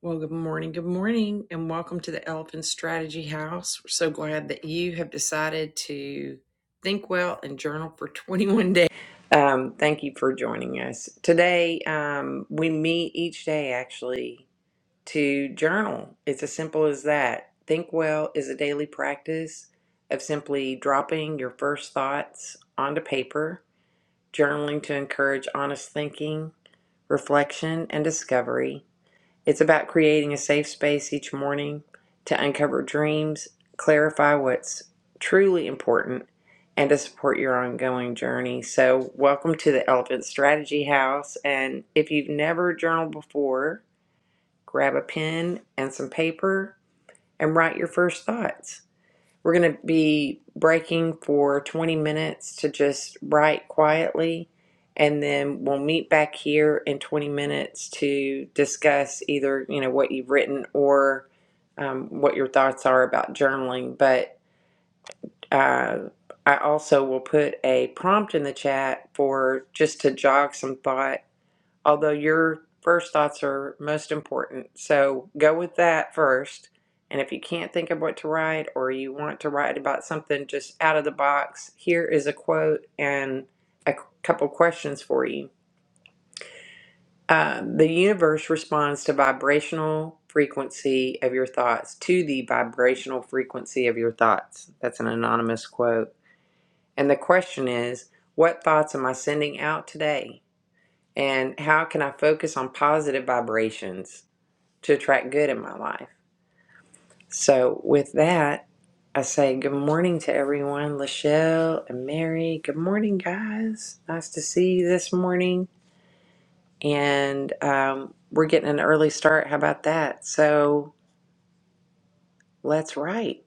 Well, good morning. Good morning, and welcome to the Elephant Strategy House. We're so glad that you have decided to think well and journal for 21 days. Um, thank you for joining us. Today, um, we meet each day actually to journal. It's as simple as that. Think well is a daily practice of simply dropping your first thoughts onto paper, journaling to encourage honest thinking, reflection, and discovery it's about creating a safe space each morning to uncover dreams, clarify what's truly important, and to support your ongoing journey. So, welcome to the Elephant Strategy House. And if you've never journaled before, grab a pen and some paper and write your first thoughts. We're going to be breaking for 20 minutes to just write quietly, and then we'll meet back here in 20 minutes to discuss either you know what you've written or um, what your thoughts are about journaling. But uh, I also will put a prompt in the chat for just to jog some thought although your first thoughts are most important. So go with that first. And if you can't think of what to write or you want to write about something just out of the box, here is a quote and a couple questions for you. Um, the universe responds to vibrational frequency of your thoughts, to the vibrational frequency of your thoughts. That's an anonymous quote. And the question is, what thoughts am I sending out today? And how can I focus on positive vibrations? to attract good in my life. So, with that, I say good morning to everyone, Lachelle and Mary. Good morning, guys. Nice to see you this morning. And um, we're getting an early start. How about that? So, let's write.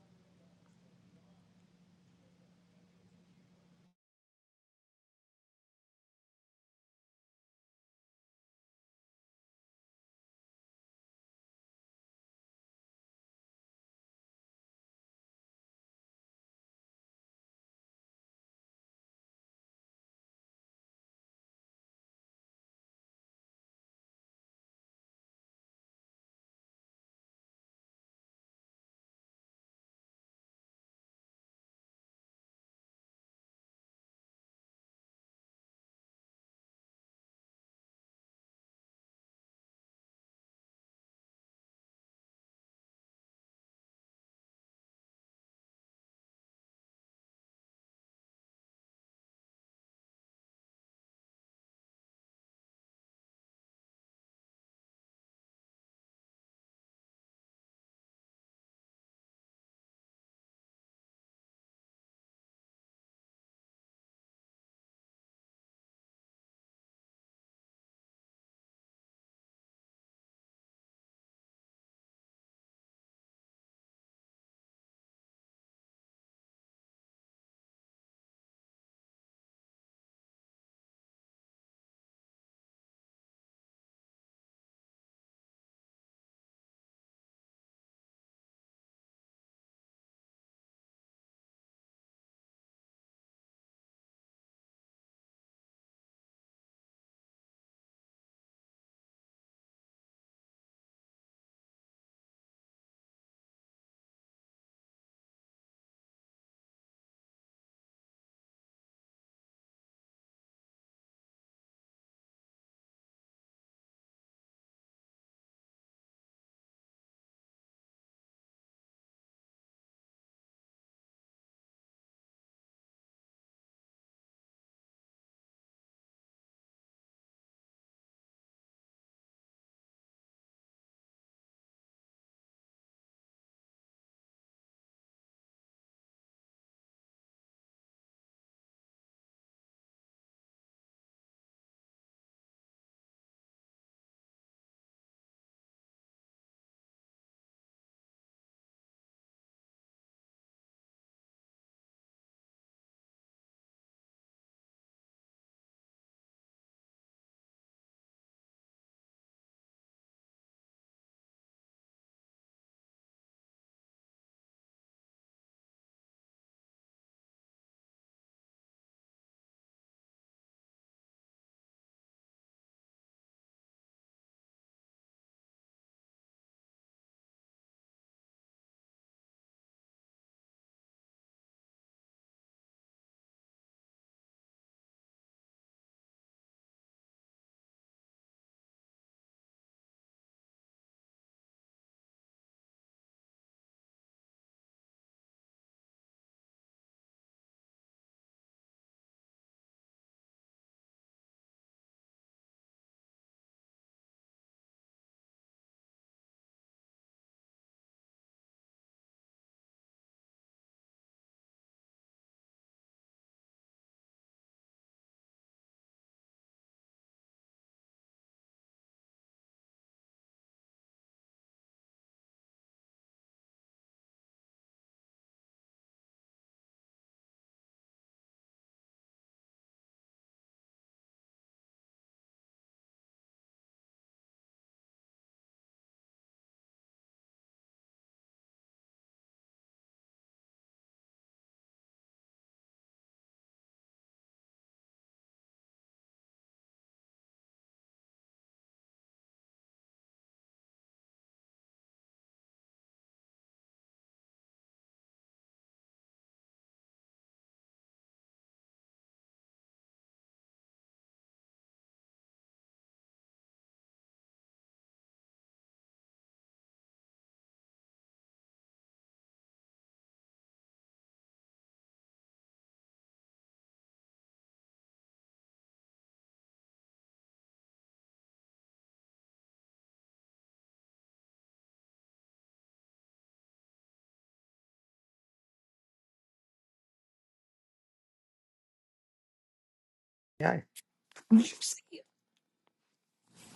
Hi.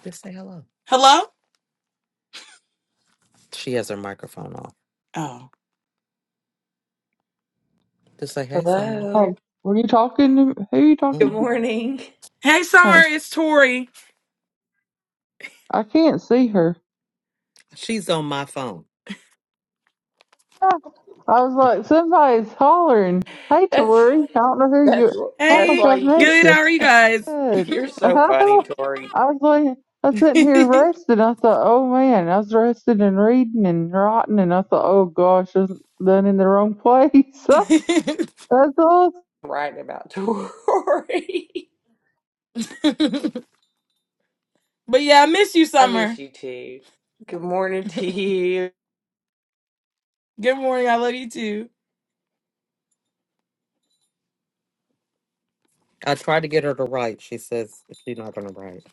Just say hello. Hello? She has her microphone off. Oh. Just say, hey, Summer. Hey, Hello. were you talking to who you talking Good hmm to? morning. Hey, Hey, Summer, it's Tori. I can't see her. She's on my phone. I was like, somebody's hollering. Hey, That's Tori, I don't know who you. that's I don't that's think Hey, why I've you get. missed good. you. How are you guys? Good. You're I so funny, Tori. was like, I was sitting here but resting. I thought, oh man, I was resting and reading and writing, and I thought, oh gosh, I was done in the wrong place. That's Right about Tori. yeah, I miss you, I miss Summer. you too. Good morning to you. Good morning. I love you too. I tried to get her to write. She says she's not going to write.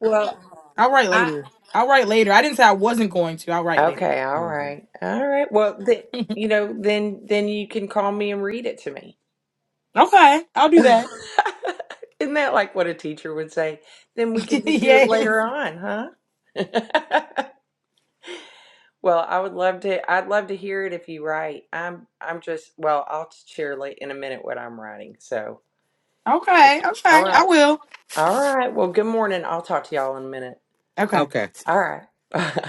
Well, I'll write I later. I'll write later. I didn't say I wasn't going to. I'll write later. Okay, all hmm right. All right. Well, th you know, then then you can call me and read it to me. Okay, I'll do that. Isn't that like what a teacher would say? Then we can just do it yes. later on, huh? Well, I would love to I'd love to hear it if you write. I'm I'm just well, I'll share late in a minute what I'm writing. So, Okay, all okay, I right. will. All right. Well, good morning. I'll talk to y'all in a minute. Okay. Okay, All right.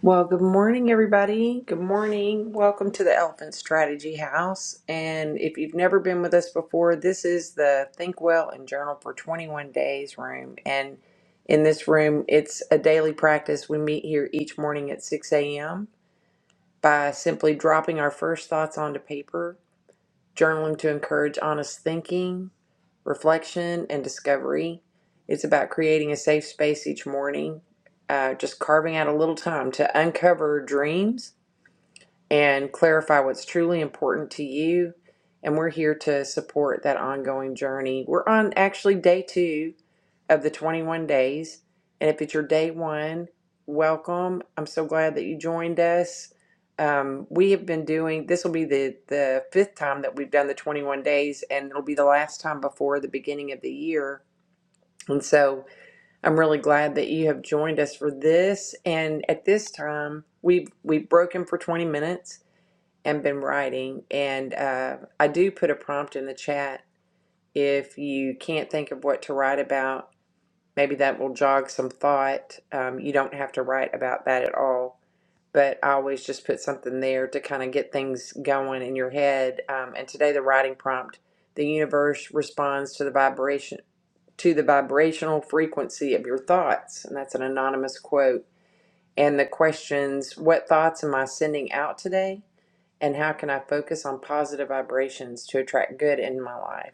Well, good morning, everybody. Good morning. Welcome to the Elephant Strategy House. And if you've never been with us before, this is the Think Well and Journal for 21 Days room. And in this room, it's a daily practice. We meet here each morning at 6 a.m. by simply dropping our first thoughts onto paper, journaling to encourage honest thinking, reflection, and discovery. It's about creating a safe space each morning, uh, just carving out a little time to uncover dreams and clarify what's truly important to you. And we're here to support that ongoing journey. We're on actually day two of the 21 days. And if it's your day one, welcome. I'm so glad that you joined us. Um, we have been doing this will be the the fifth time that we've done the 21 days, and it'll be the last time before the beginning of the year. And so I'm really glad that you have joined us for this. And at this time, we've we've broken for 20 minutes and been writing. And uh, I do put a prompt in the chat. If you can't think of what to write about, maybe that will jog some thought. Um, you don't have to write about that at all. But I always just put something there to kind of get things going in your head. Um, and today, the writing prompt the universe responds to the vibration. To the vibrational frequency of your thoughts. And that's an anonymous quote. And the questions What thoughts am I sending out today? and how can I focus on positive vibrations to attract good in my life?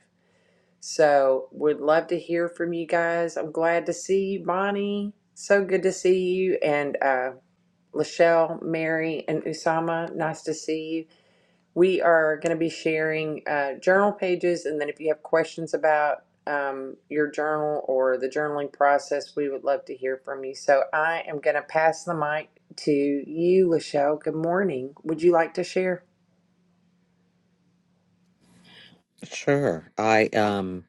So, would love to hear from you guys. I'm glad to see you, Bonnie. So good to see you. And uh, Lachelle, Mary, and Usama, nice to see you. We are going to be sharing uh, journal pages. And then, if you have questions about um, your journal or the journaling process, we would love to hear from you. So, I am going to pass the mic to you, Lachelle. Good morning. Would you like to share? sure. I um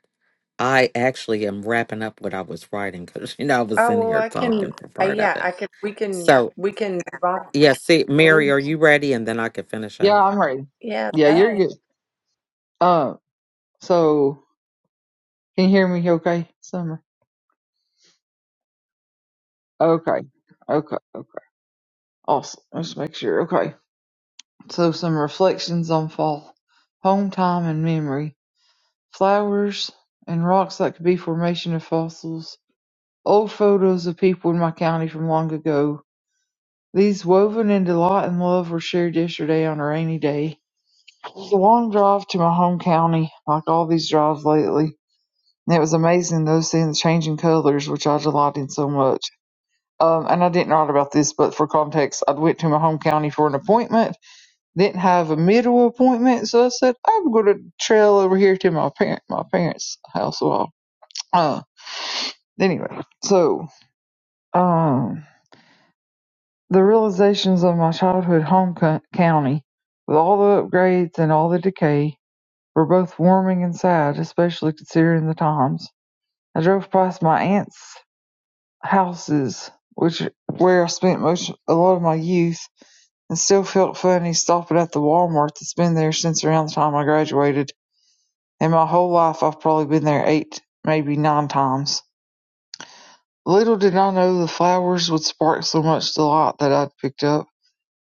I actually am wrapping up what I was writing because you know I was Oh, in well, here I can, talking for uh, part of yeah, it. I can, we can, So we can, rock- yeah, see, Mary, awesome. are you ready? And then I can finish Yeah, up. I'm ready. yeah, Yeah, you're that good. Um, so can you hear me? Okay, Summer. Okay, okay, okay. Awesome. Let's make sure. Okay. So some reflections on fall. Home time and memory. Flowers and rocks that could be formation of fossils. Old photos of people in my county from long ago. These woven into light and love were shared yesterday on a rainy day. It was a long drive to my home county, like all these drives lately. And it was amazing though seeing the changing colors, which I delight in so much. Um, and I didn't write about this, but for context, I went to my home county for an appointment didn't have a middle appointment, so I said I'm gonna trail over here to my parent my parents' house. Well, uh, anyway, so um, the realizations of my childhood home co- county, with all the upgrades and all the decay, were both warming and sad, especially considering the times. I drove past my aunt's houses, which where I spent most a lot of my youth, and still felt funny stopping at the Walmart that's been there since around the time I graduated In my whole life I've probably been there eight, maybe nine times. Little did I know the flowers would spark so much delight that I'd picked up.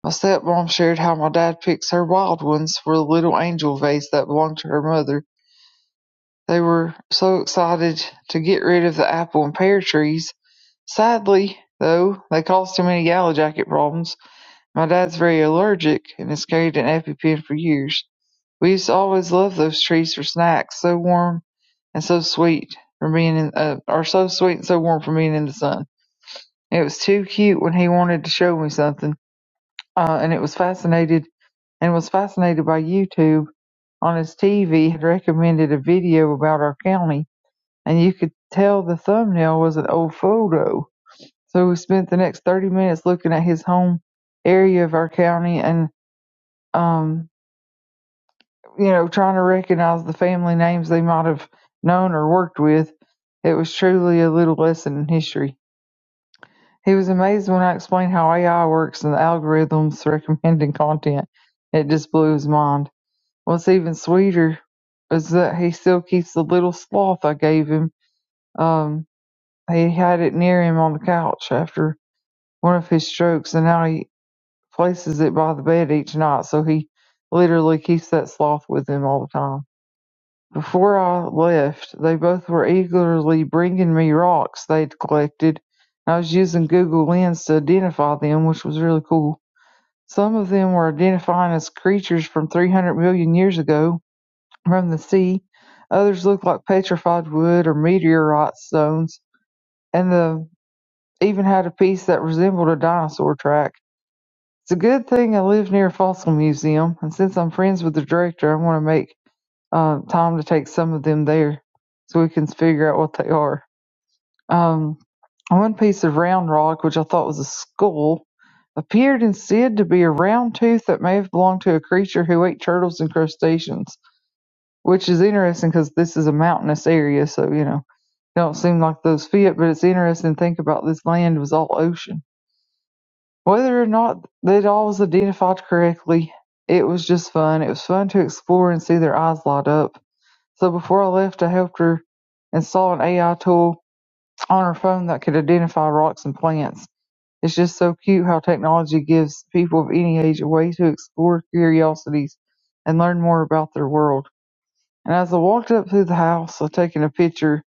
My stepmom shared how my dad picks her wild ones for the little angel vase that belonged to her mother. They were so excited to get rid of the apple and pear trees. Sadly, though, they caused too many yellow jacket problems. My dad's very allergic and has carried an EpiPen for years. We used to always love those trees for snacks, so warm and so sweet from being in, uh, are so sweet and so warm from being in the sun. It was too cute when he wanted to show me something, uh, and it was fascinated and was fascinated by YouTube on his TV had recommended a video about our county, and you could tell the thumbnail was an old photo. So we spent the next 30 minutes looking at his home area of our county and um, you know, trying to recognize the family names they might have known or worked with. It was truly a little lesson in history. He was amazed when I explained how AI works and the algorithms recommending content. It just blew his mind. What's even sweeter is that he still keeps the little sloth I gave him. Um, he had it near him on the couch after one of his strokes, and now he places it by the bed each night, so he literally keeps that sloth with him all the time. Before I left, they both were eagerly bringing me rocks they'd collected, and I was using Google Lens to identify them, which was really cool. Some of them were identifying as creatures from 300 million years ago from the sea. Others looked like petrified wood or meteorite stones, and the even had a piece that resembled a dinosaur track. It's a good thing I live near a fossil museum, and since I'm friends with the director, I'm going to make uh, time to take some of them there so we can figure out what they are. Um, one piece of round rock, which I thought was a skull, appeared instead to be a round tooth that may have belonged to a creature who ate turtles and crustaceans, which is interesting because this is a mountainous area, so you know, it don't seem like those fit, but it's interesting to think about this land was all ocean. Whether or not it all was identified correctly, it was just fun. It was fun to explore and see their eyes light up. So before I left, I helped her install an AI tool on her phone that could identify rocks and plants. It's just so cute how technology gives people of any age a way to explore curiosities and learn more about their world. And as I walked up through the house, I taken a picture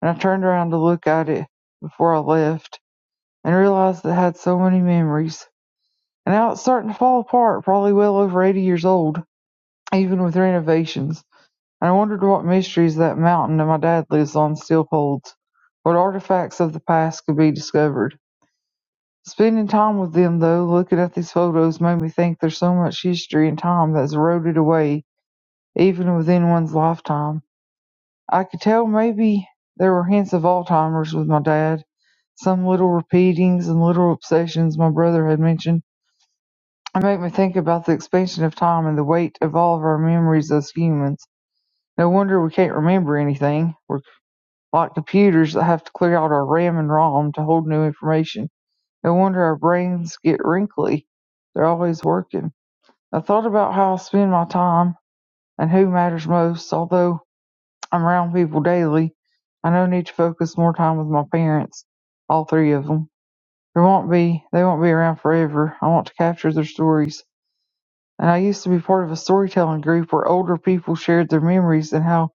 and I turned around to look at it before I left and realized it had so many memories. And now it's starting to fall apart, probably well over 80 years old, even with renovations. I wondered what mysteries that mountain and my dad lives on still holds, what artifacts of the past could be discovered. Spending time with them, though, looking at these photos made me think there's so much history and time that's eroded away, even within one's lifetime. I could tell maybe there were hints of Alzheimer's with my dad, some little repeatings and little obsessions my brother had mentioned. It made me think about the expansion of time and the weight of all of our memories as humans. No wonder we can't remember anything. We're Like computers that have to clear out our RAM and ROM to hold new information. No wonder our brains get wrinkly. They're always working. I thought about how I spend my time and who matters most. Although I'm around people daily, I know I need to focus more time with my parents, all three of them. There won't be, they won't be around forever. I want to capture their stories. And I used to be part of a storytelling group where older people shared their memories and how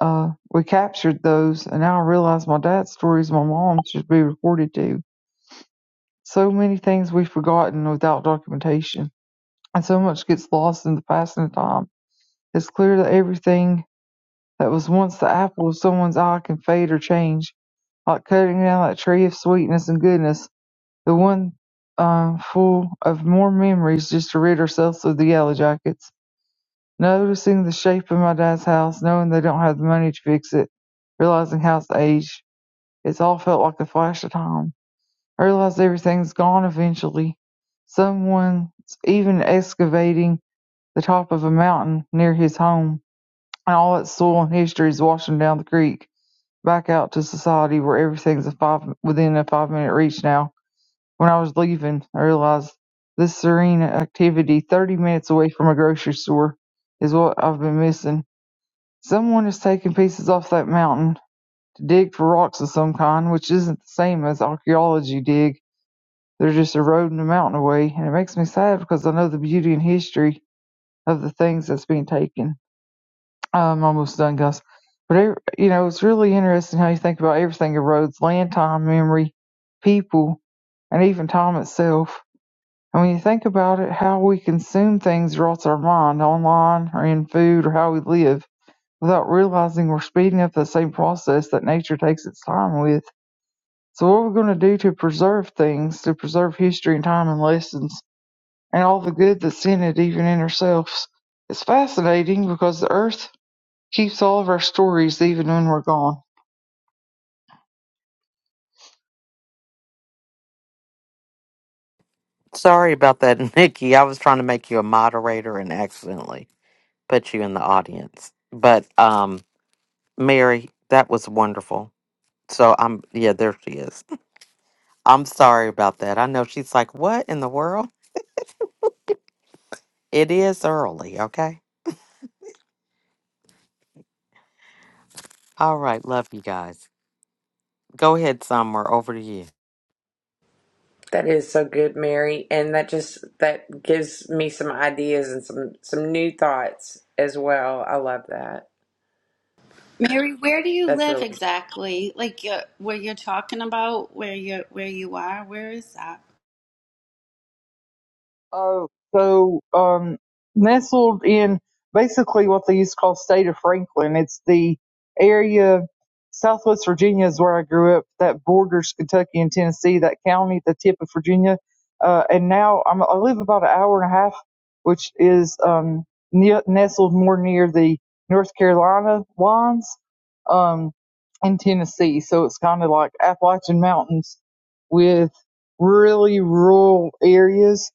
uh, we captured those, and now I realize my dad's stories, my mom should be recorded too. So many things we've forgotten without documentation, and so much gets lost in the passing of time. It's clear that everything that was once the apple of someone's eye can fade or change, like cutting down that tree of sweetness and goodness, the one uh, full of more memories just to rid ourselves of the yellow jackets. Noticing the shape of my dad's house, knowing they don't have the money to fix it, realizing how it's aged, It's all felt like a flash of time. I realize everything's gone eventually. Someone's even excavating the top of a mountain near his home, and all its soil and history is washing down the creek, back out to society where everything's a five within a five minute reach now. When I was leaving, I realized this serene activity thirty minutes away from a grocery store is what I've been missing. Someone is taking pieces off that mountain dig for rocks of some kind, which isn't the same as archaeology dig. They're just eroding the mountain away, and it makes me sad because I know the beauty and history of the things that's being taken. I'm almost done, guys. But e, you know, it's really interesting how you think about everything erodes: land, time, memory, people, and even time itself. And when you think about it, how we consume things rots our mind online or in food or how we live without realizing we're speeding up the same process that nature takes its time with. So what we're going to do to preserve things, to preserve history and time and lessons and all the good that's in it, even in ourselves, it's fascinating because the earth keeps all of our stories even when we're gone. Sorry about that, Nikki. I was trying to make you a moderator and accidentally put you in the audience. But um, Mary, that was wonderful. So I'm yeah, there she is. I'm sorry about that. I know she's like, what in the world? It is early, okay? All right, love you guys. Go ahead, Summer. Over to you. that is so good, Mary. And that just, that gives me some ideas and some, some new thoughts as well. I love that. Mary, where do you That's live really, exactly? Like uh, where you're talking about, where you where you are, where is that? Oh, so um, nestled in basically what they used to call state of Franklin. It's the area Southwest Virginia is where I grew up. That borders Kentucky and Tennessee. That county at the tip of Virginia, uh, and now I'm, I live about an hour and a half, which is um, ne- nestled more near the North Carolina lines um, in Tennessee. So it's kind of like Appalachian Mountains with really rural areas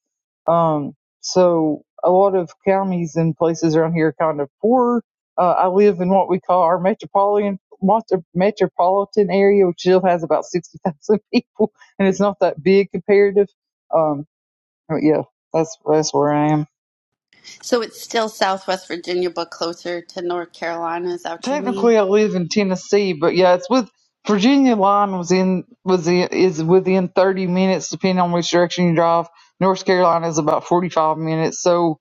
um, so a lot of counties and places around here are kind of poor. Uh, I live in what we call our metropolitan metropolitan area, which still has about sixty thousand people, and it's not that big comparative. Um, but yeah, that's that's where I am. So it's still Southwest Virginia, but closer to North Carolina. Is that what you mean? Technically, I live in Tennessee, but yeah, it's with Virginia line was in was in, is within thirty minutes, depending on which direction you drive. North Carolina is about forty five minutes, so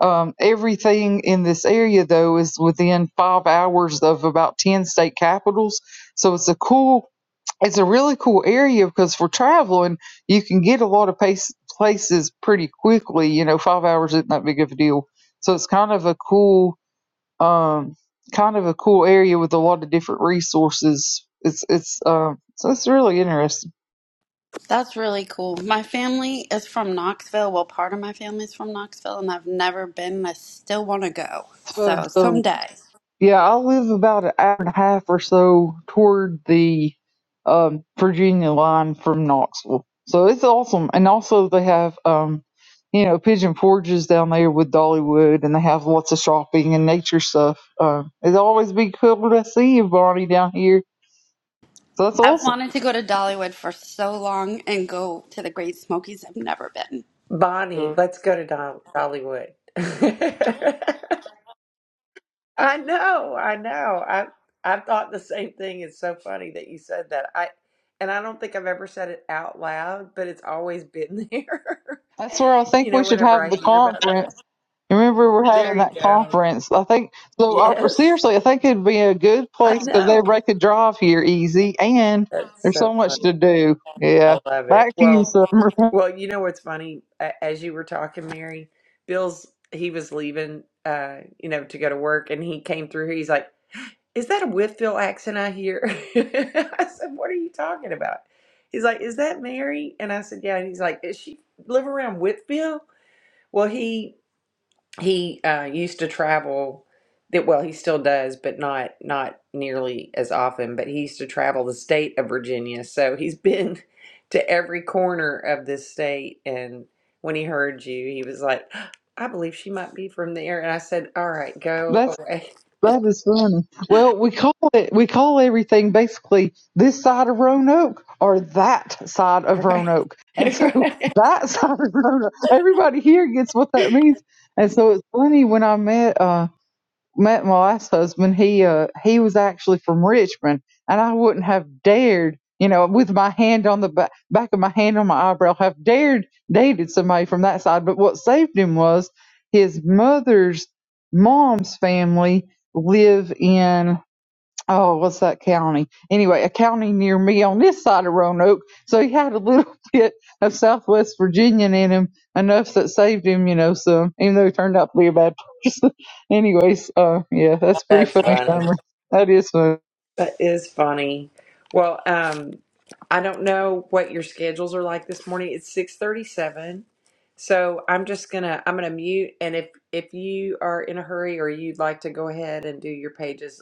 Um, everything in this area, though, is within five hours of about 10 state capitals. So it's a cool, it's a really cool area because for traveling, you can get a lot of pace, places pretty quickly. You know, five hours isn't that big of a deal. So it's kind of a cool, um, kind of a cool area with a lot of different resources. It's, it's, um, so it's really interesting. That's really cool. My family is from Knoxville. Well, part of my family is from Knoxville, and I've never been. and I still want to go. So So so someday, Yeah, I live about an hour and a half or so toward the um, Virginia line from Knoxville, so it's awesome. And also, they have um, you know Pigeon Forges down there with Dollywood, and they have lots of shopping and nature stuff. Um, it's always be cool to see you, Bonnie, down here. So that's I've awesome. wanted to go to Dollywood for so long and go to the Great Smokies. I've never been. Bonnie, let's go to Dol Dollywood. I know, I know. I, I thought the same thing. It's so funny that you said that. I, and I don't think I've ever said it out loud, but it's always been there. That's where I You think we know, should whenever have I the hear about that. conference. Remember, we're There having you that go. conference. I think so. I, Yes, seriously, I think it'd be a good I place because know. everybody could drive here easy, and That's there's so so fun. much to do. Yeah, I love it. back to you, Well, Summer. well, you know what's funny? A- As you were talking, Mary, Bill's he was leaving, uh, you know, to go to work, and he came through. He's like, "Is that a Whitfield accent I hear?" I said, "What are you talking about?" He's like, "Is that Mary?" And I said, "Yeah." And he's like, "Is she live around Whitfield?" Well, he He uh, used to travel that well, he still does, but not not nearly as often, but he used to travel the state of Virginia. So he's been to every corner of this state and when he heard you, he was like, I believe she might be from there. And I said, All right, go That's away. that is funny. Well, we call it we call everything basically this side of Roanoke or that side of Right. Roanoke, and so that side of Roanoke, everybody here gets what that means. And so it's funny when I met. Uh, met my last husband, he uh he was actually from Richmond, and I wouldn't have dared, you know, with my hand on the back, back of my hand on my eyebrow, have dared dated somebody from that side. But what saved him was his mother's mom's family live in oh, what's that county? Anyway, a county near me on this side of Roanoke. So he had a little bit of Southwest Virginian in him, enough that saved him, you know, some, even though he turned out to be a bad person. Anyways, uh, yeah, that's a pretty That's funny funny. summary. That is a That is funny. Well, um, I don't know what your schedules are like this morning. It's six thirty-seven, so I'm just gonna I'm gonna mute. And if if you are in a hurry or you'd like to go ahead and do your pages,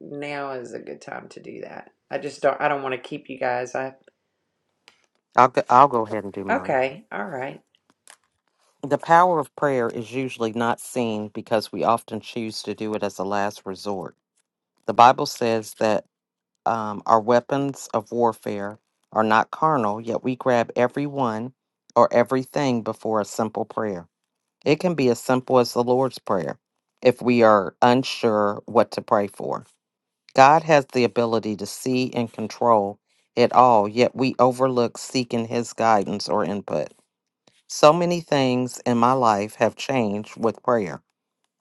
now is a good time to do that. I just don't I don't want to keep you guys. I I'll go, I'll go ahead and do mine. okay, all right. The power of prayer is usually not seen because we often choose to do it as a last resort. The Bible says that um, our weapons of warfare are not carnal, yet we grab every one or everything before a simple prayer. It can be as simple as the Lord's Prayer if we are unsure what to pray for. God has the ability to see and control it all, yet we overlook seeking His guidance or input. So many things in my life have changed with prayer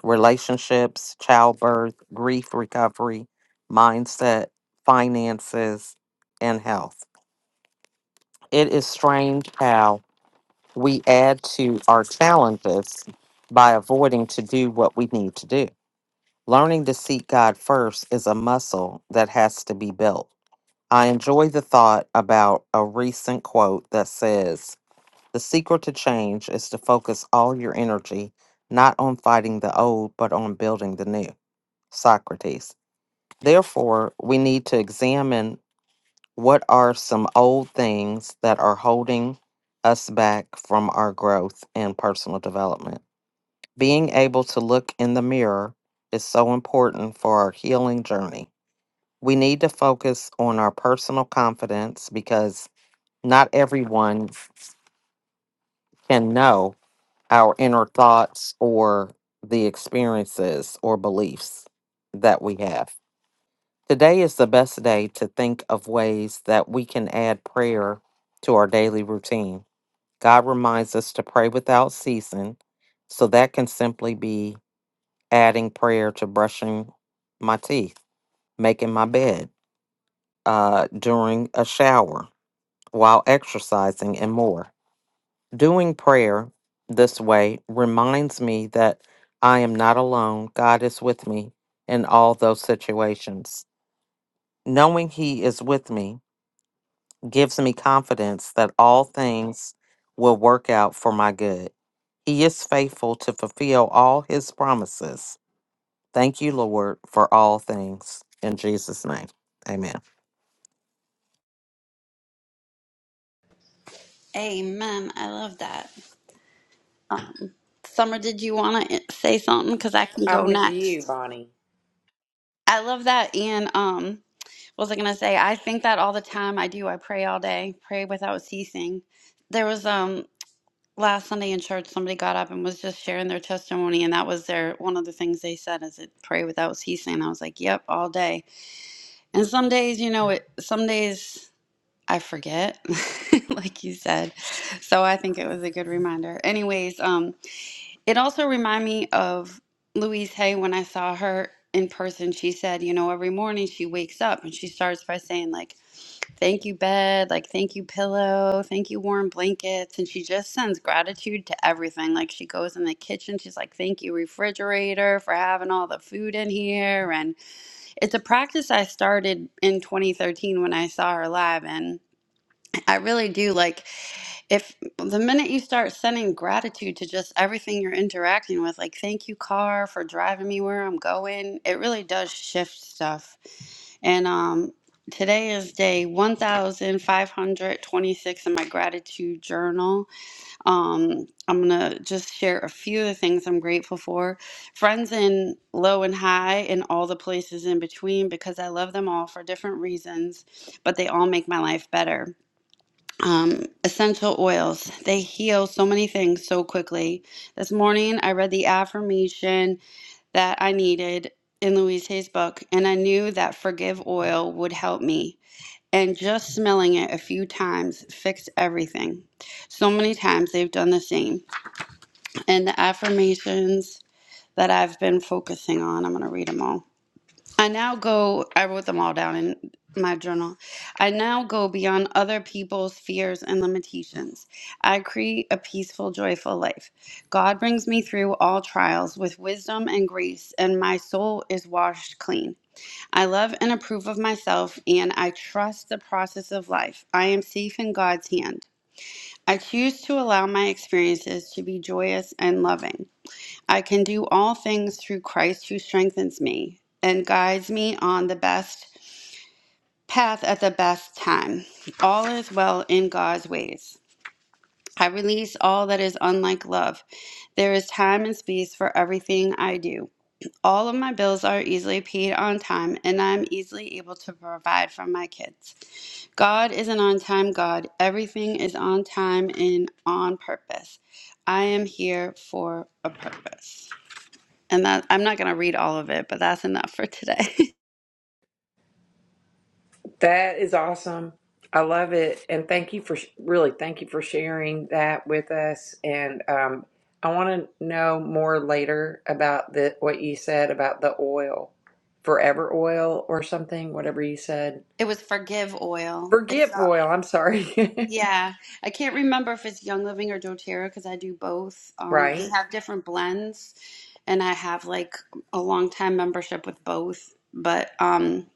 relationships, childbirth, grief recovery, mindset, finances, and health. It is strange how we add to our challenges by avoiding to do what we need to do. Learning to seek God first is a muscle that has to be built I enjoy the thought about a recent quote that says, The secret to change is to focus all your energy not on fighting the old, but on building the new. Socrates. Therefore, we need to examine what are some old things that are holding us back from our growth and personal development. Being able to look in the mirror is so important for our healing journey. We need to focus on our personal confidence because not everyone f- can know our inner thoughts or the experiences or beliefs that we have. Today is the best day to think of ways that we can add prayer to our daily routine. God reminds us to pray without ceasing, so that can simply be adding prayer to brushing my teeth, making my bed, uh, during a shower, while exercising, and more. Doing prayer this way reminds me that I am not alone. God is with me in all those situations. Knowing He is with me gives me confidence that all things will work out for my good. He is faithful to fulfill all His promises. Thank you, Lord, for all things. In Jesus' name, amen. Amen. I love that. Um, Summer, did you want to say something? Because I can go I'm with next. you, Bonnie. I love that. And um, what was I going to say? I think that all the time. I do. I pray all day, pray without ceasing. There was um last Sunday in church, somebody got up and was just sharing their testimony, and that was their one of the things they said is it pray without ceasing. I was like, yep, all day. And some days, you know, it. Some days I forget, like you said. So I think it was a good reminder. Anyways, um. It also reminded me of Louise Hay when I saw her in person. She said, you know, every morning she wakes up and she starts by saying, like, thank you, bed, like, thank you, pillow, thank you, warm blankets. And she just sends gratitude to everything. Like, she goes in the kitchen, she's like, thank you, refrigerator, for having all the food in here. And it's a practice I started in 2013 when I saw her live. And I really do like if the minute you start sending gratitude to just everything you're interacting with, like thank you car for driving me where I'm going, it really does shift stuff. And um today is day 1526 in my gratitude journal. Um I'm going to just share a few of the things I'm grateful for. Friends in low and high and all the places in between because I love them all for different reasons, but they all make my life better um, essential oils. They heal so many things so quickly. This morning, I read the affirmation that I needed in Louise Hay's book, and I knew that forgive oil would help me. And just smelling it a few times fixed everything. So many times they've done the same. And the affirmations that I've been focusing on, I'm going to read them all. I now go, I wrote them all down in my journal. I now go beyond other people's fears and limitations. I create a peaceful, joyful life. God brings me through all trials with wisdom and grace, and my soul is washed clean. I love and approve of myself, and I trust the process of life. I am safe in God's hand. I choose to allow my experiences to be joyous and loving. I can do all things through Christ who strengthens me and guides me on the best path at the best time. All is well in God's ways. I release all that is unlike love. There is time and space for everything I do. All of my bills are easily paid on time, and I'm easily able to provide for my kids. God is an on time God. Everything is on time and on purpose. I am here for a purpose. And that I'm not going to read all of it, but that's enough for today. That is awesome. I love it. And thank you for sh- really, thank you for sharing that with us. And um, I want to know more later about the what you said about the oil, forever oil or something, whatever you said. it was Forgive Oil. Forget It's up. oil. I'm sorry. Yeah, I can't remember if it's Young Living or doTERRA because I do both. Um, we right. have different blends, and I have like a long time membership with both. But um,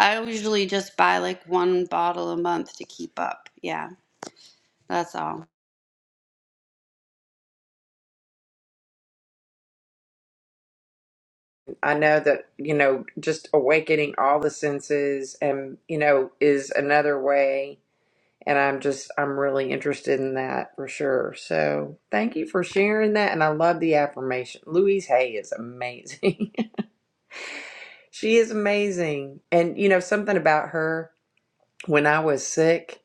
I usually just buy like one bottle a month to keep up. Yeah, that's all. I know that, you know, just awakening all the senses and, you know, is another way. and I'm just I'm really interested in that for sure. So thank you for sharing that, and I love the affirmation. Louise Hay is amazing. she is amazing, and you know something about her. When I was sick,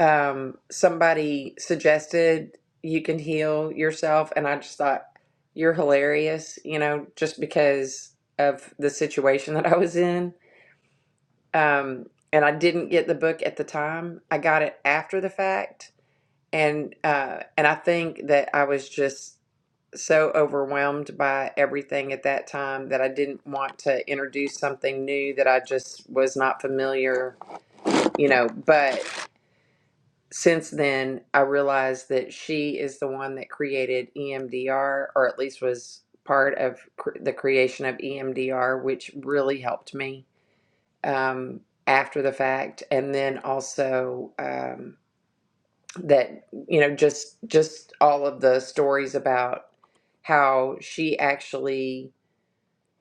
um, somebody suggested you can heal yourself, and I just thought you're hilarious. You know, just because of the situation that I was in. Um, and I didn't get the book at the time. I got it after the fact and uh and I think that I was just so overwhelmed by everything at that time that I didn't want to introduce something new that I just was not familiar, you know, but since then I realized that she is the one that created EMDR or at least was part of cr- the creation of EMDR which really helped me um after the fact and then also um that you know just just all of the stories about how she actually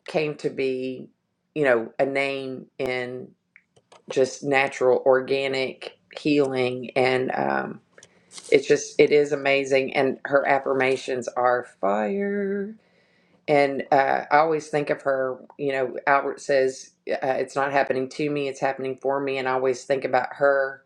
came to be you know a name in just natural organic healing and um it's just it is amazing and her affirmations are fire and uh, i always think of her you know albert says uh, it's not happening to me it's happening for me and i always think about her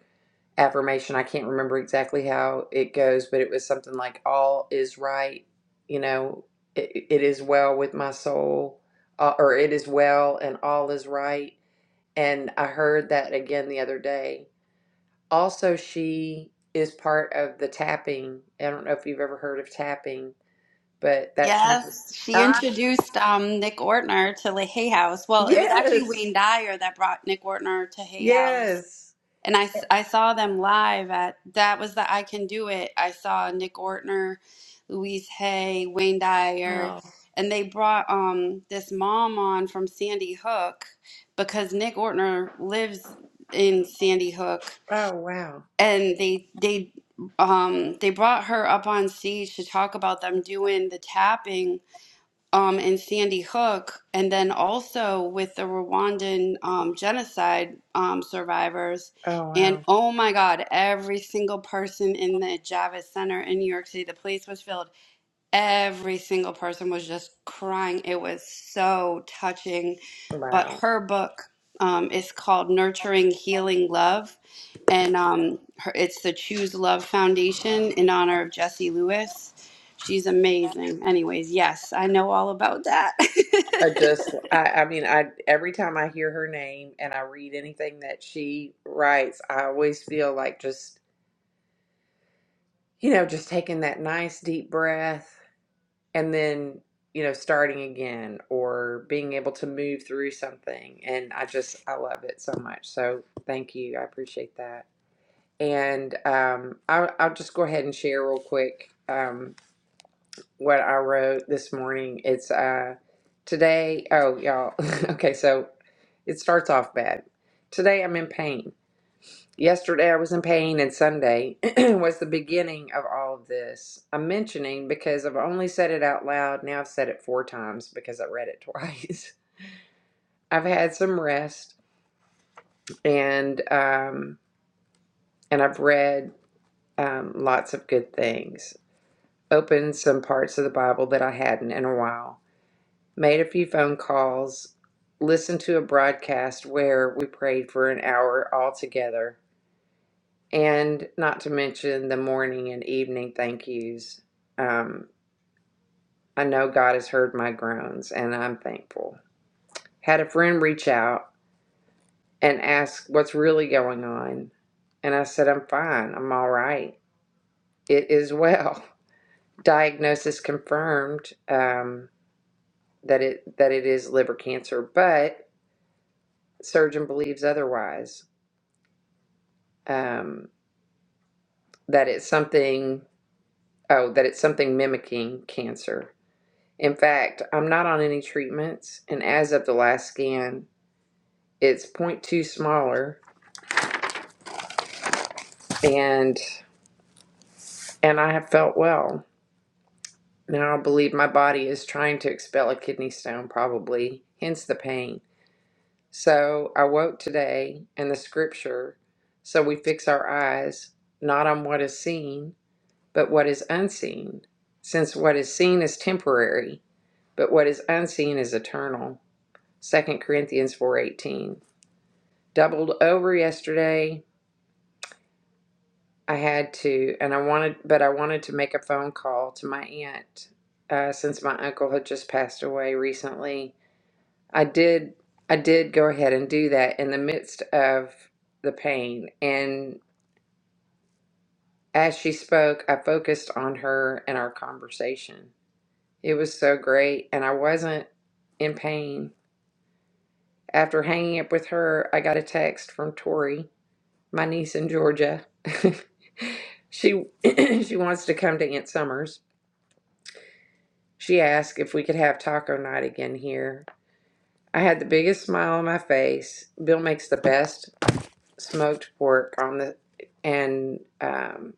affirmation. I can't remember exactly how it goes, but it was something like all is right, you know, it, it is well with my soul, uh, or it is well and all is right. And I heard that again the other day. Also, she is part of the tapping. I don't know if you've ever heard of tapping, but that's something. Yes, she Ah, introduced um, Nick Ortner to the Hay House. Well, it was actually yes, Wayne Dyer that brought Nick Ortner to Hay House. yes. and I I saw them live at that was the I Can Do It. I saw Nick Ortner, Louise Hay, Wayne Dyer, Oh, and they brought um this mom on from Sandy Hook because Nick Ortner lives in Sandy Hook, oh, wow. and they they um they brought her up on stage to talk about them doing the tapping um, in Sandy Hook, and then also with the Rwandan um, genocide um, survivors. Oh, And wow. oh my God, every single person in the Javits Center in New York City, the place was filled every single person was just crying. It was so touching. But Wow. her book um, is called Nurturing Healing Love, and um, her, it's the Choose Love Foundation in honor of Jessie Lewis. She's amazing. Anyways, yes, I know all about that. I just, I, I mean, I every time I hear her name and I read anything that she writes, I always feel like just, you know, just taking that nice deep breath and then, you know, starting again or being able to move through something. And I just, I love it so much. So thank you. I appreciate that. And um, I, I'll just go ahead and share real quick. Um, what I wrote this morning. It's uh today, oh y'all. okay, so it starts off bad. Today I'm in pain. Yesterday I was in pain and Sunday was the beginning of all of this. I'm mentioning because I've only said it out loud. Now I've said it four times because I read it twice. I've had some rest and um and I've read um lots of good things. Opened some parts of the Bible that I hadn't in a while made a few phone calls, listened to a broadcast where we prayed for an hour all together, and not to mention the morning and evening thank yous. Um, I know God has heard my groans, and I'm thankful. Had a friend reach out and ask what's really going on, and I said, I'm fine, I'm all right, it is well. Diagnosis confirmed um, that it that it is liver cancer, but surgeon believes otherwise um, that it's something oh that it's something mimicking cancer in fact i'm not on any treatments and as of the last scan it's zero point 0.2 smaller and and i have felt well now i believe my body is trying to expel a kidney stone probably hence the pain so i woke today and the scripture so we fix our eyes not on what is seen but what is unseen since what is seen is temporary but what is unseen is eternal. Second Corinthians 4:18. Doubled over yesterday. I had to and I wanted but I wanted to make a phone call to my aunt uh, since my uncle had just passed away recently. I did I did go ahead and do that in the midst of the pain and as she spoke, I focused on her and our conversation. It was so great and I wasn't in pain After hanging up with her, I got a text from Tori, my niece in Georgia. she she wants to come to Aunt Summers. She asked if we could have taco night again here. I had the biggest smile on my face. Bill makes the best smoked pork on the and um,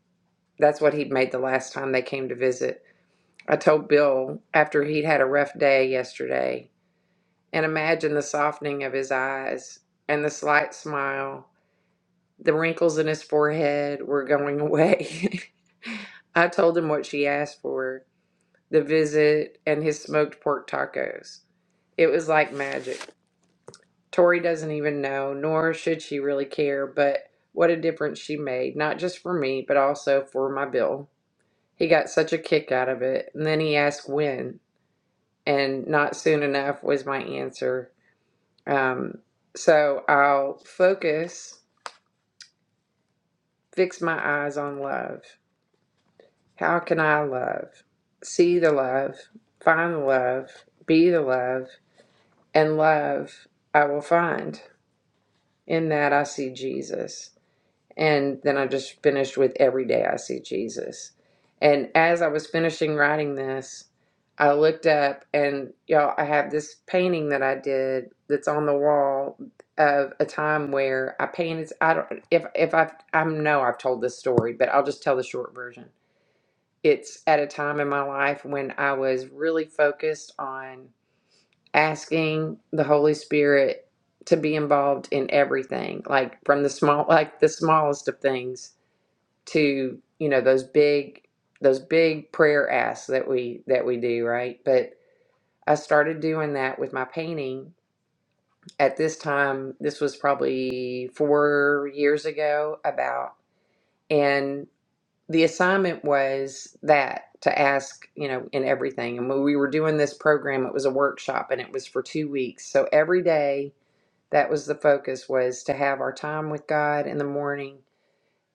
that's what he'd made the last time they came to visit. I told Bill after he'd had a rough day yesterday and imagine the softening of his eyes and the slight smile The wrinkles in his forehead were going away. I told him what she asked for the visit and his smoked pork tacos. It was like magic. Tori doesn't even know, nor should she really care, but what a difference she made, not just for me, but also for my bill. He got such a kick out of it. And then he asked when, and not soon enough was my answer. Um, so I'll focus, fix my eyes on love. How can I love? See the love, find the love, be the love, and love I will find. In that I see Jesus. And then I just finished with Every Day I See Jesus. And as I was finishing writing this, I looked up and y'all, I have this painting that I did that's on the wall of a time where I painted. I don't if if I I know I've told this story, but I'll just tell the short version it's at a time in my life when I was really focused on asking the Holy Spirit to be involved in everything, like from the small, like the smallest of things to, you know, those big, those big prayer asks that we, that we do, right? But I started doing that with my painting at this time. This was probably four years ago, about. and. the assignment was that to ask, you know, in everything. And when we were doing this program, it was a workshop and it was for two weeks. So every day, that was the focus was to have our time with God in the morning.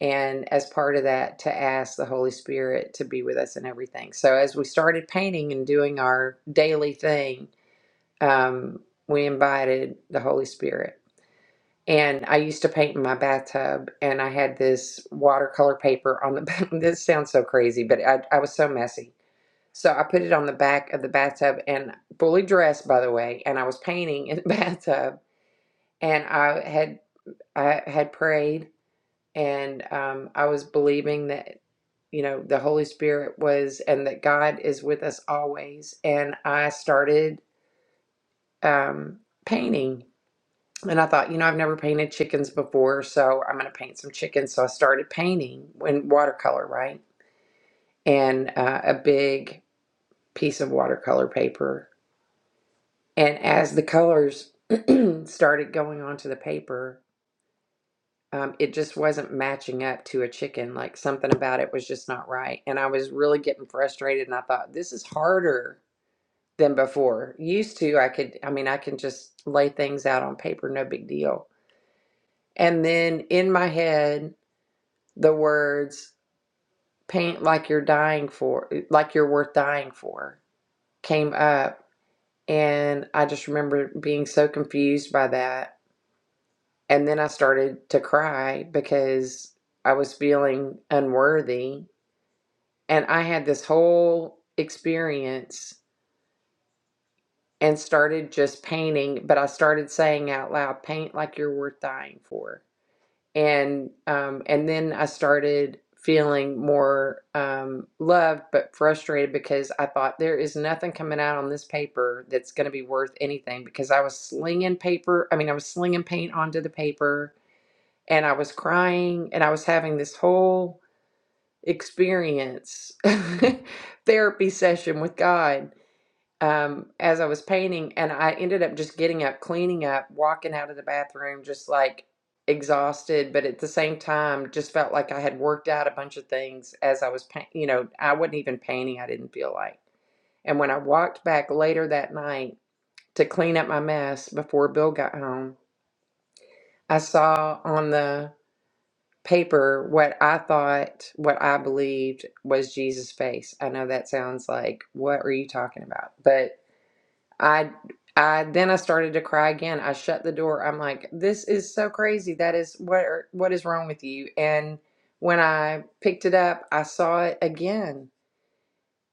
And as part of that, to ask the Holy Spirit to be with us in everything. So as we started painting and doing our daily thing, um, we invited the Holy Spirit. And I used to paint in my bathtub, and I had this watercolor paper on the back. This sounds so crazy, but I, I was so messy. So I put it on the back of the bathtub and fully dressed, by the way, and I was painting in the bathtub. And I had I had prayed, and um, I was believing that you know the Holy Spirit was, and that God is with us always. And I started um, painting And I thought, you know, I've never painted chickens before, so I'm going to paint some chickens. So I started painting in watercolor, right? And uh, a big piece of watercolor paper. And as the colors started going onto the paper, um, it just wasn't matching up to a chicken. Like something about it was just not right. And I was really getting frustrated. And I thought, this is harder than before. Used to, I could, I mean, I can just lay things out on paper, no big deal. And then in my head, The words paint like you're dying for, like you're worth dying for came up. And I just remember being so confused by that. And then I started to cry because I was feeling unworthy. And I had this whole experience and started just painting, but I started saying out loud, paint like you're worth dying for and um, and then I started feeling more um, loved but frustrated because I thought there is nothing coming out on this paper that's going to be worth anything because I was slinging paper. I mean, I was slinging paint onto the paper, and I was crying, and I was having this whole experience therapy session with God um, as I was painting, and I ended up just getting up, cleaning up, walking out of the bathroom, just like exhausted, but at the same time, just felt like I had worked out a bunch of things as I was painting. You know, I wasn't even painting, I didn't feel like. And when I walked back later that night to clean up my mess before Bill got home, I saw on the paper what I thought, what I believed was Jesus' face. I know that sounds like, what are you talking about? but. I I then I started to cry again. I shut the door. I'm like, this is so crazy. That is what are- what is wrong with you? And when I picked it up, I saw it again.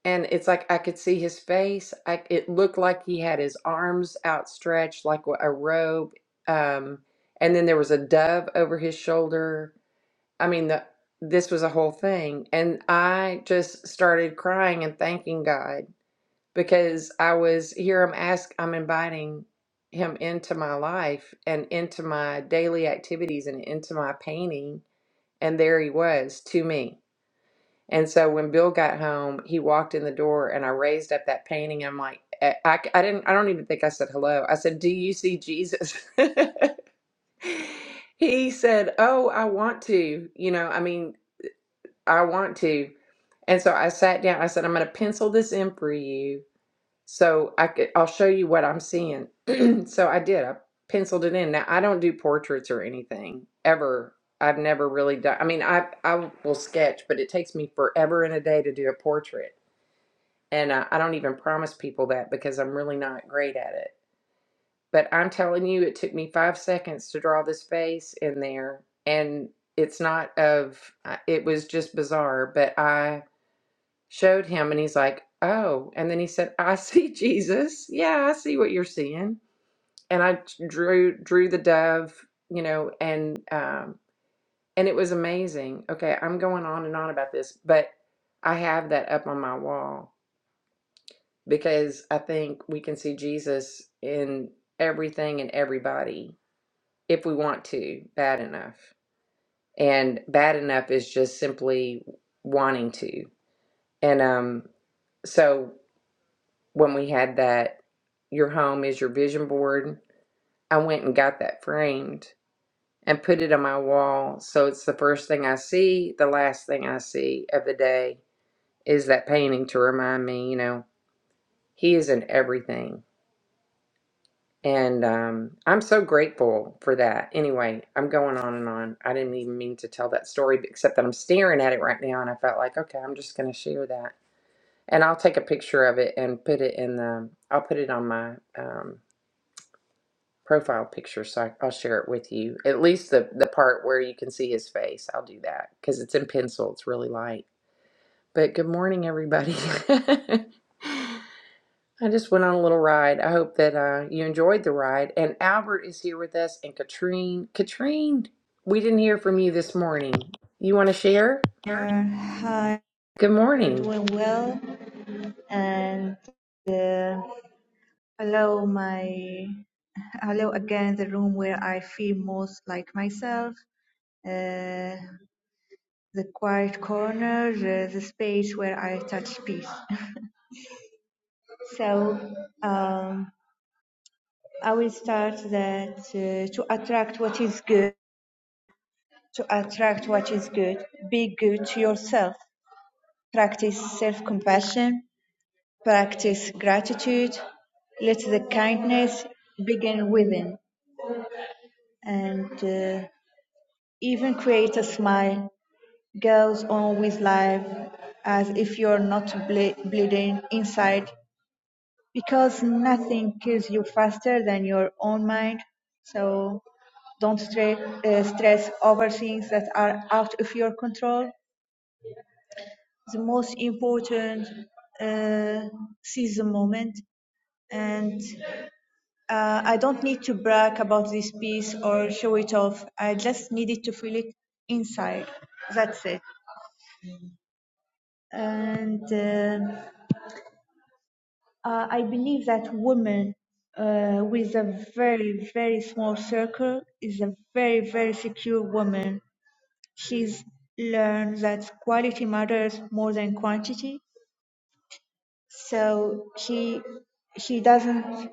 And it's like I could see his face. I, it looked like he had his arms outstretched like a robe. Um, and then there was a dove over his shoulder. I mean, the, this was a whole thing. And I just started crying and thanking God because I was here. I'm ask. I'm inviting him into my life and into my daily activities and into my painting. And there he was to me. And so when Bill got home, he walked in the door and I raised up that painting. I'm like, I, I I didn't, I don't even think I said hello. I said, Do you see Jesus? he said, Oh, I want to. You know, I mean, I want to. And so I sat down. I said, I'm going to pencil this in for you so I could, I'll show you what I'm seeing. so I did. I penciled it in. Now I don't do portraits or anything ever. I've never really done. I mean, I I will sketch, but it takes me forever and a day to do a portrait, and I, I don't even promise people that because I'm really not great at it. But I'm telling you, it took me five seconds to draw this face in there, and it's not of. It was just bizarre, but I showed him and he's like, "Oh." And then he said, "I see Jesus. Yeah, I see what you're seeing." And I drew drew the dove, you know, and um and it was amazing. Okay, I'm going on and on about this, but I have that up on my wall because I think we can see Jesus in everything and everybody if we want to bad enough. And bad enough is just simply wanting to. And um so when we had that your home is your vision board. I went and got that framed and put it on my wall. So it's the first thing I see, the last thing I see of the day is that painting to remind me, you know, he is in everything. And um, I'm so grateful for that. Anyway, I'm going on and on. I didn't even mean to tell that story, except that I'm staring at it right now. And I felt like, okay, I'm just going to share that. And I'll take a picture of it and put it in the, I'll put it on my um, profile picture so I, i'll share it with you at least the, the part where you can see his face i'll do that because it's in pencil it's really light but good morning everybody i just went on a little ride i hope that uh, you enjoyed the ride and albert is here with us and katrine katrine we didn't hear from you this morning you want to share Uh, Hi, good hope you're morning doing well, and uh, hello, my hello again. The room where I feel most like myself, uh, the quiet corner, the, the space where I touch peace. so, um, I will start that uh, to attract what is good, to attract what is good, be good to yourself, practice self compassion, Practice gratitude, let the kindness begin within, and uh, even create a smile. Goes on with life as if you're not ble- bleeding inside, because nothing kills you faster than your own mind. So don't stre- uh, stress over things that are out of your control. The most important, uh, seize the moment and Uh, I don't need to brag about this piece or show it off. I just needed to feel it inside. That's it. And um uh, I believe that women uh, with a very, very small circle is a very, very secure woman. She's learned that quality matters more than quantity. So she she doesn't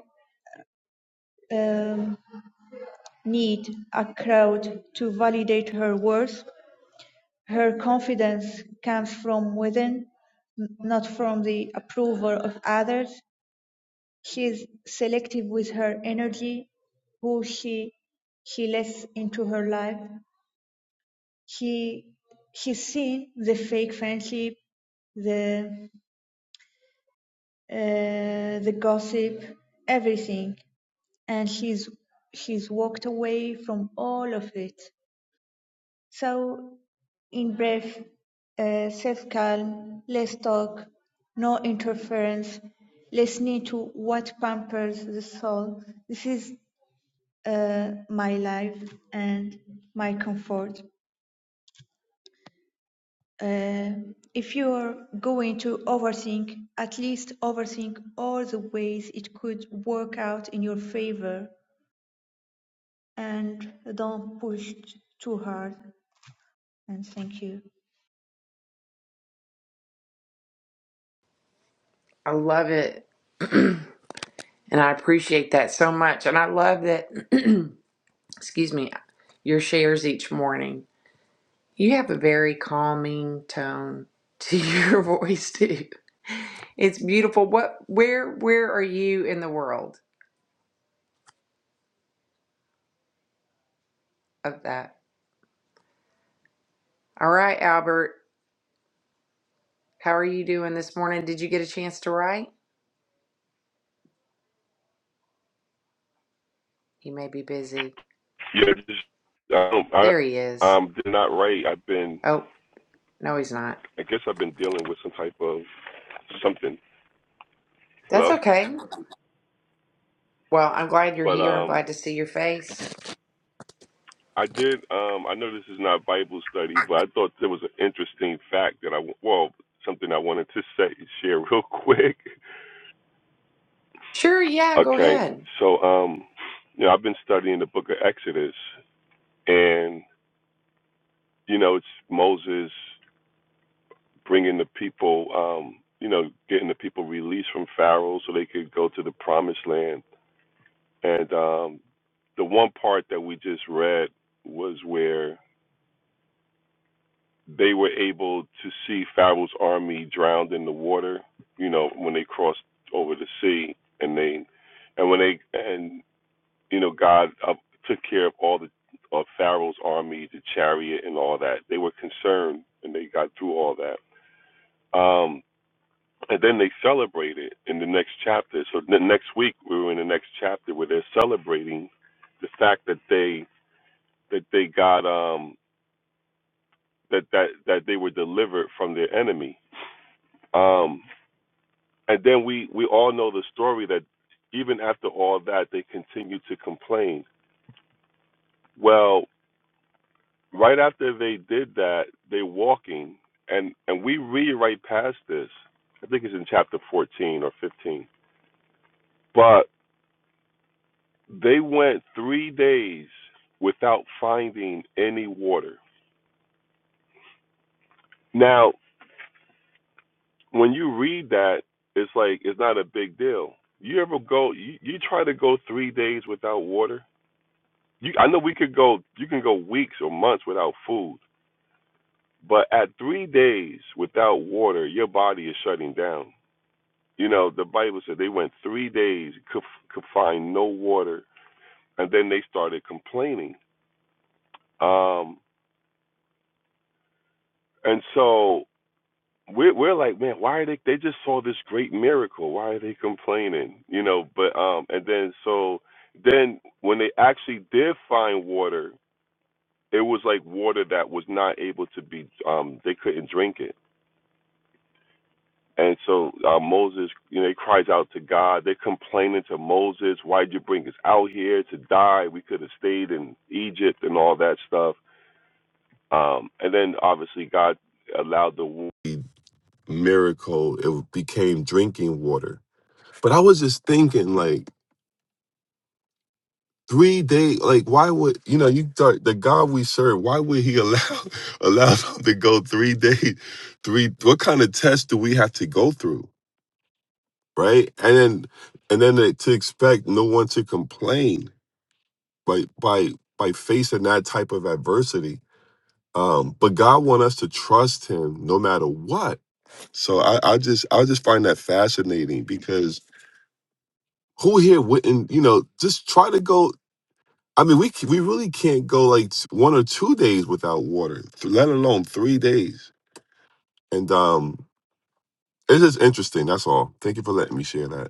um, need a crowd to validate her worth Her confidence comes from within, not from the approval of others. She is selective with her energy, who she she lets into her life. She she's seen the fake friendship, the uh, the gossip, everything, and she's she's walked away from all of it. So, in brief, uh, self calm, less talk, no interference, listening to what pampers the soul. This is uh, my life and my comfort. Uh, if you're going to overthink, at least overthink all the ways it could work out in your favor and don't push too hard. And thank you. i love it and i appreciate that so much and i love that excuse me your shares each morning You have a very calming tone to your voice too. It's beautiful. What where where are you in the world of that? All right, Albert. How are you doing this morning? Did you get a chance to write? He may be busy. Yeah, just um, I There he is. um, they're not right. I've been, Oh, no he's not. I guess I've been dealing with some type of something. That's Hello, okay. Well, I'm glad you're but here. I'm um, glad to see your face. I did. Um, I know this is not Bible study, but I thought there was an interesting fact that I well something I wanted to say share real quick. Sure, yeah, go okay, ahead. so um, you know I've been studying the Book of Exodus, and you know it's Moses bringing the people. Um, you know, getting the people released from Pharaoh so they could go to the promised land And um, the one part that we just read was where they were able to see Pharaoh's army drowned in the water, you know, when they crossed over the sea and they and when they and you know God uh, took care of all the of Pharaoh's army, the chariot and all that. They were concerned and they got through all that. Um and then they celebrated in the next chapter. So the next week we were in the next chapter where they're celebrating the fact that they that they got um that that that they were delivered from their enemy. Um, and then we we all know the story that even after all that they continued to complain. Well, right after they did that, they're walking and and we read right past this. I think it's in chapter 14 or 15. But they went 3 days without finding any water. Now, when you read that, it's like it's not a big deal. You ever go? You, you try to go three days without water. You, I know we could go. You can go weeks or months without food, but at three days without water, your body is shutting down. You know, the Bible said they went three days could, could find no water, and then they started complaining. Um, and so we're we're like, man, why are they? They just saw this great miracle. Why are they complaining? You know, but um, and then so then when they actually did find water, it was like water that was not able to be um, they couldn't drink it. And so uh, Moses, you know, he cries out to God. They're complaining to Moses, why'd you bring us out here to die? We could have stayed in Egypt and all that stuff. Um, and then obviously God allowed the wa- miracle. It became drinking water But I was just thinking, like, three days. like, why would you know? You thought the God we serve, why would He allow allow them to go three days? Three, what kind of test do we have to go through, right? And then, and then to, to expect no one to complain by by by facing that type of adversity. Um, but God want us to trust Him no matter what. So I, I just I just find that fascinating because who here wouldn't you know just try to go I mean, we c- we really can't go like s- one or two days without water, th- let alone three days. And um, it's just interesting. That's all. Thank you for letting me share that.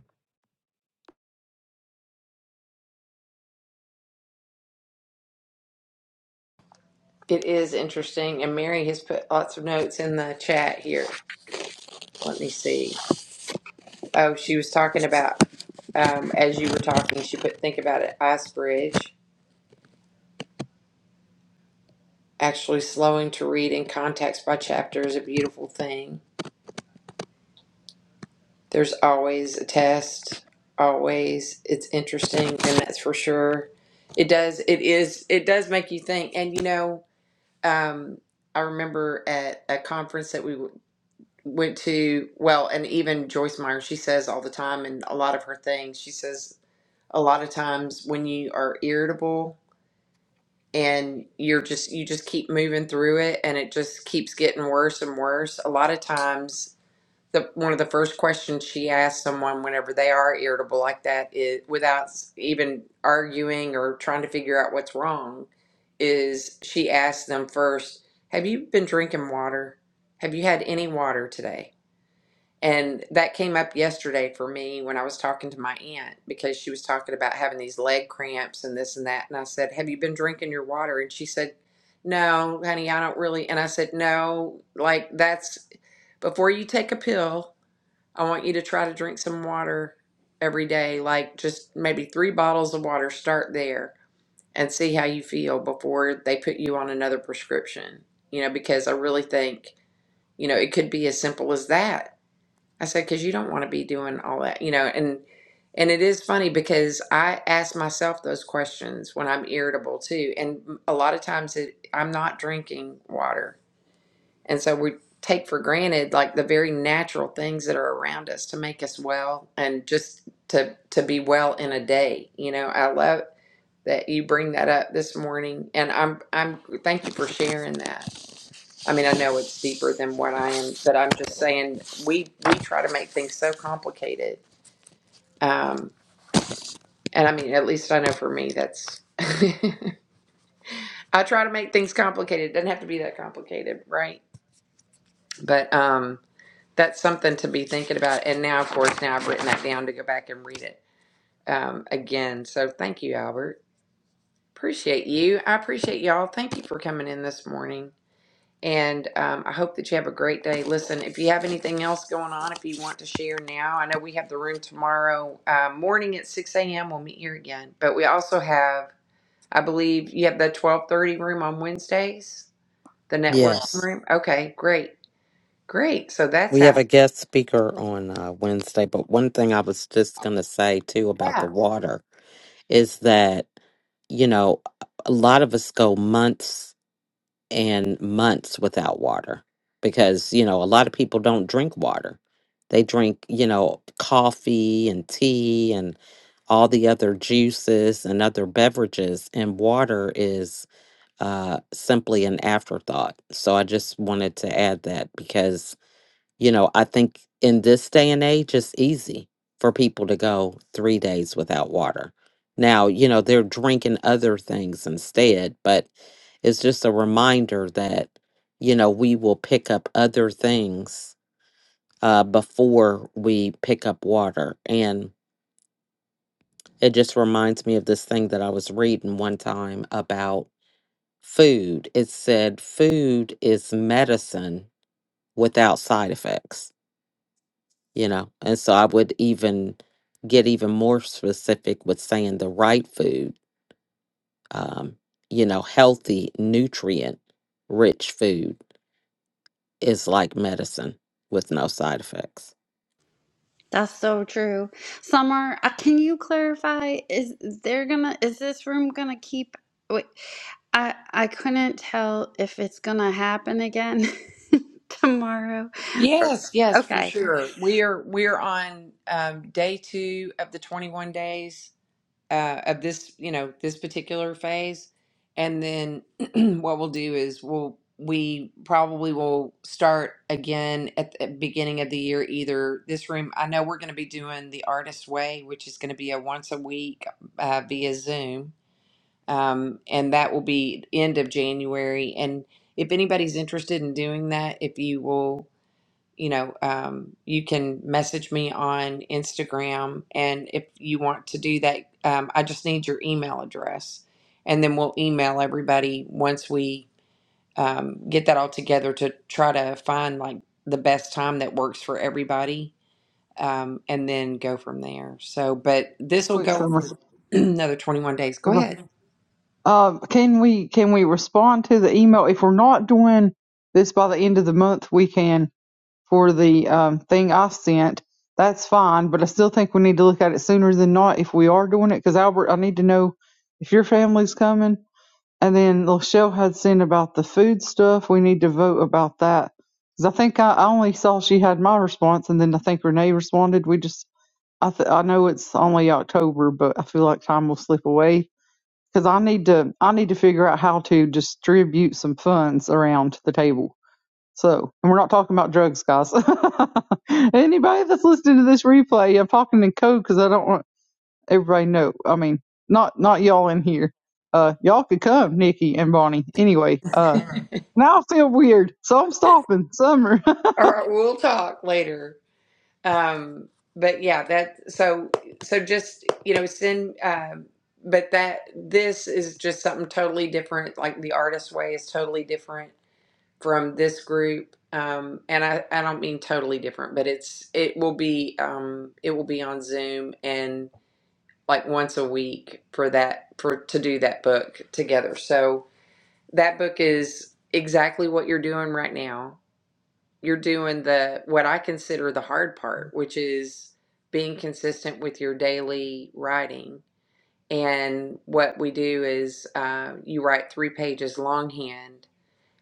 It is interesting and Mary has put lots of notes in the chat here. Let me see. Oh, she was talking about, um, as you were talking, she put, think about it, Icebridge. Actually, slowing to read in context by chapter is a beautiful thing. There's always a test, always. It's interesting, and that's for sure. It does, it is, it does make you think. And you know, um, I remember at a conference that we w- went to, well, and even Joyce Meyer, she says all the time, and a lot of her things, she says a lot of times when you are irritable, and you're just you just keep moving through it and it just keeps getting worse and worse a lot of times the one of the first questions she asks someone whenever they are irritable like that is without even arguing or trying to figure out what's wrong is she asks them first have you been drinking water have you had any water today and that came up yesterday for me when I was talking to my aunt because she was talking about having these leg cramps and this and that. And I said, Have you been drinking your water? And she said, No, honey, I don't really. And I said, No, like that's before you take a pill, I want you to try to drink some water every day, like just maybe three bottles of water. Start there and see how you feel before they put you on another prescription, you know, because I really think, you know, it could be as simple as that I said, because you don't want to be doing all that, you know, and and it is funny because I ask myself those questions when I'm irritable too, and a lot of times it, I'm not drinking water, and so we take for granted like the very natural things that are around us to make us well and just to to be well in a day. You know, I love that you bring that up this morning, and I'm I'm thank you for sharing that. I mean, I know it's deeper than what I am, but I'm just saying we we try to make things so complicated. Um, and I mean, at least I know for me, that's I try to make things complicated. It doesn't have to be that complicated, right? But um, that's something to be thinking about. And now, of course, now I've written that down to go back and read it um, again. So thank you, Albert. Appreciate you. I appreciate y'all. Thank you for coming in this morning. And um, I hope that you have a great day. Listen, if you have anything else going on, if you want to share now, I know we have the room tomorrow uh, morning at 6 a.m. We'll meet here again. But we also have, I believe, you have the 12:30 room on Wednesdays, the networking Yes. room. Okay, great, great. So that's We have happening. a guest speaker on uh, Wednesday, but one thing I was just going to say too about the Yeah. water is that, you know, a lot of us go months and months without water because, you know, a lot of people don't drink water. They drink, you know, coffee and tea and all the other juices and other beverages, and water is uh, simply an afterthought. So I just wanted to add that because you know, I think in this day and age, it's easy for people to go three days without water. Now, you know, they're drinking other things instead, but it's just a reminder that, you know, we will pick up other things uh, before we pick up water. And it just reminds me of this thing that I was reading one time about food. It said, food is medicine without side effects you know and so i would even get even more specific with saying the right food um you know healthy nutrient rich food is like medicine with no side effects That's so true. Summer, uh, can you clarify? Is they're gonna? Is this room gonna keep? Wait, I I couldn't tell if it's gonna happen again tomorrow. Yes, yes, for Okay. sure. We are we are on um, day two of the 21 days uh, of this, you know, this particular phase. And then what we'll do is we'll we probably will start again at the beginning of the year either this room i know we're going to be doing the artist way which is going to be a once a week uh, via zoom um, and that will be end of january and if anybody's interested in doing that if you will you know, um, you can message me on Instagram. And if you want to do that, um, I just need your email address. And then we'll email everybody once we um, get that all together to try to find like the best time that works for everybody um, and then go from there. So, but this will quick go summary. for another 21 days. Go Okay. ahead. Um, can we can we respond to the email? If we're not doing this by the end of the month, we can for the um, thing I sent, that's fine. But I still think we need to look at it sooner than not if we are doing it. Because Albert, I need to know if your family's coming. And then Lachelle had sent about the food stuff. We need to vote about that. Because I think I, I only saw she had my response, and then I think Renee responded. We just, I, th- I know it's only October, but I feel like time will slip away. Because I need to, I need to figure out how to distribute some funds around the table so, and we're not talking about drugs, guys. Anybody that's listening to this replay, I'm talking in code because I don't want everybody to know. I mean, not not y'all in here. Uh, y'all could come, Nikki and Bonnie. Anyway, uh, now I feel weird, so I'm stopping. Summer, All right. We'll talk later. um but yeah that so so just you know send um but that this is just something totally different like the artist way is totally different from this group um and i i don't mean totally different but it's it will be um it will be on zoom and like once a week for that for to do that book together so that book is exactly what you're doing right now you're doing the what I consider the hard part, which is being consistent with your daily writing. And what we do is uh, you write three pages longhand.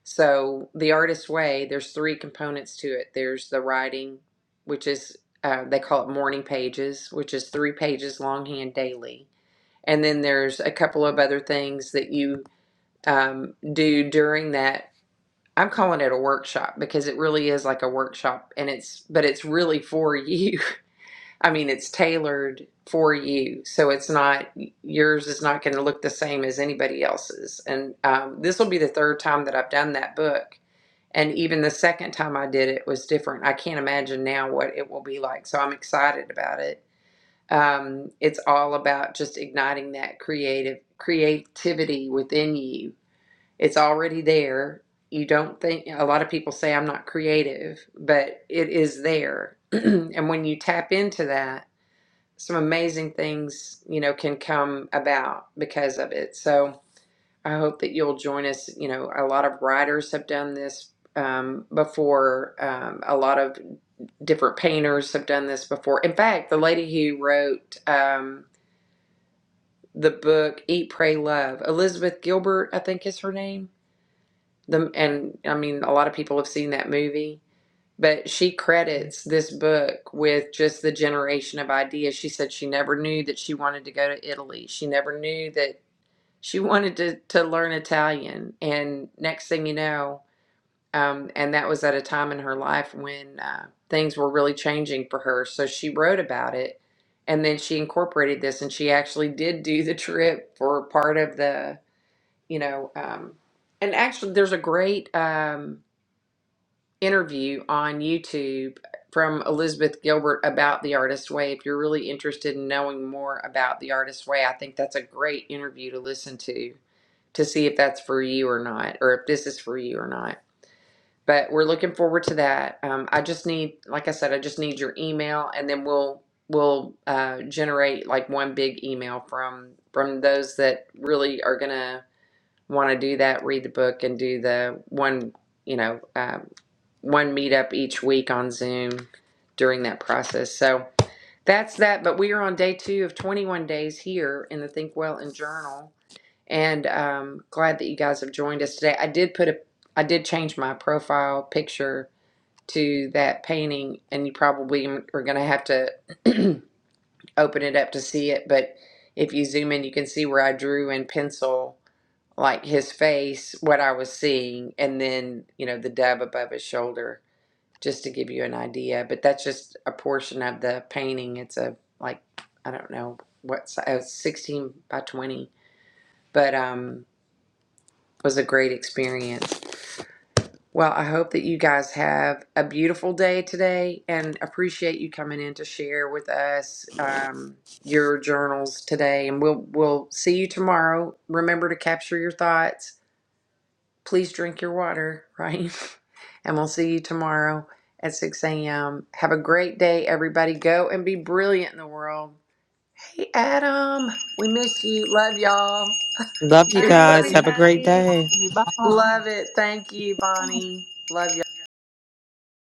So the artist's way, there's three components to it. There's the writing, which is uh, they call it morning pages, which is three pages longhand daily. And then there's a couple of other things that you um, do during that I'm calling it a workshop because it really is like a workshop and it's but it's really for you. I mean, it's tailored for you. So it's not yours is not going to look the same as anybody else's. And um, this will be the third time that I've done that book. And even the second time I did it was different. I can't imagine now what it will be like. So I'm excited about it. Um, it's all about just igniting that creative creativity within you it's already there. You don't think, a lot of people say I'm not creative, but it is there. and when you tap into that, some amazing things, you know, can come about because of it. So I hope that you'll join us. You know, a lot of writers have done this um, before, um, a lot of different painters have done this before. In fact, the lady who wrote um, the book Eat, Pray, Love, Elizabeth Gilbert, I think is her name the and I mean a lot of people have seen that movie, but she credits this book with just the generation of ideas. She said she never knew that she wanted to go to Italy. She never knew that she wanted to to learn Italian. And next thing you know, um, and that was at a time in her life when uh, things were really changing for her. So she wrote about it, and then she incorporated this, and she actually did do the trip for part of the you know. Um, and actually, there's a great um, interview on YouTube from Elizabeth Gilbert about the Artist Way. If you're really interested in knowing more about the Artist Way, I think that's a great interview to listen to to see if that's for you or not, or if this is for you or not. But we're looking forward to that. Um, I just need, like I said, I just need your email, and then we'll we'll uh, generate like one big email from from those that really are gonna want to do that, read the book, and do the one you know uh, one meetup each week on Zoom during that process. So that's that. But we are on day two of 21 days here in the Think Well and Journal, and um, glad that you guys have joined us today. I did put a, I did change my profile picture to that painting, and you probably are going to have to open it up to see it. But if you zoom in, you can see where I drew in pencil like his face, what I was seeing, and then you know the dove above his shoulder just to give you an idea. But that's just a portion of the painting. It's a like I don't know what size, sixteen by twenty, but um, it was a great experience. Well, I hope that you guys have a beautiful day today, and appreciate you coming in to share with us um, your journals today. And we'll we'll see you tomorrow. Remember to capture your thoughts please drink your water, right? and we'll see you tomorrow at 6 a.m. Have a great day, everybody. Go and be brilliant in the world. Hey, Adam, we miss you. Love y'all. love you Too Bye, guys have funny. a great everybody. day bye. Love it. Thank you, Bonnie. Love y'all.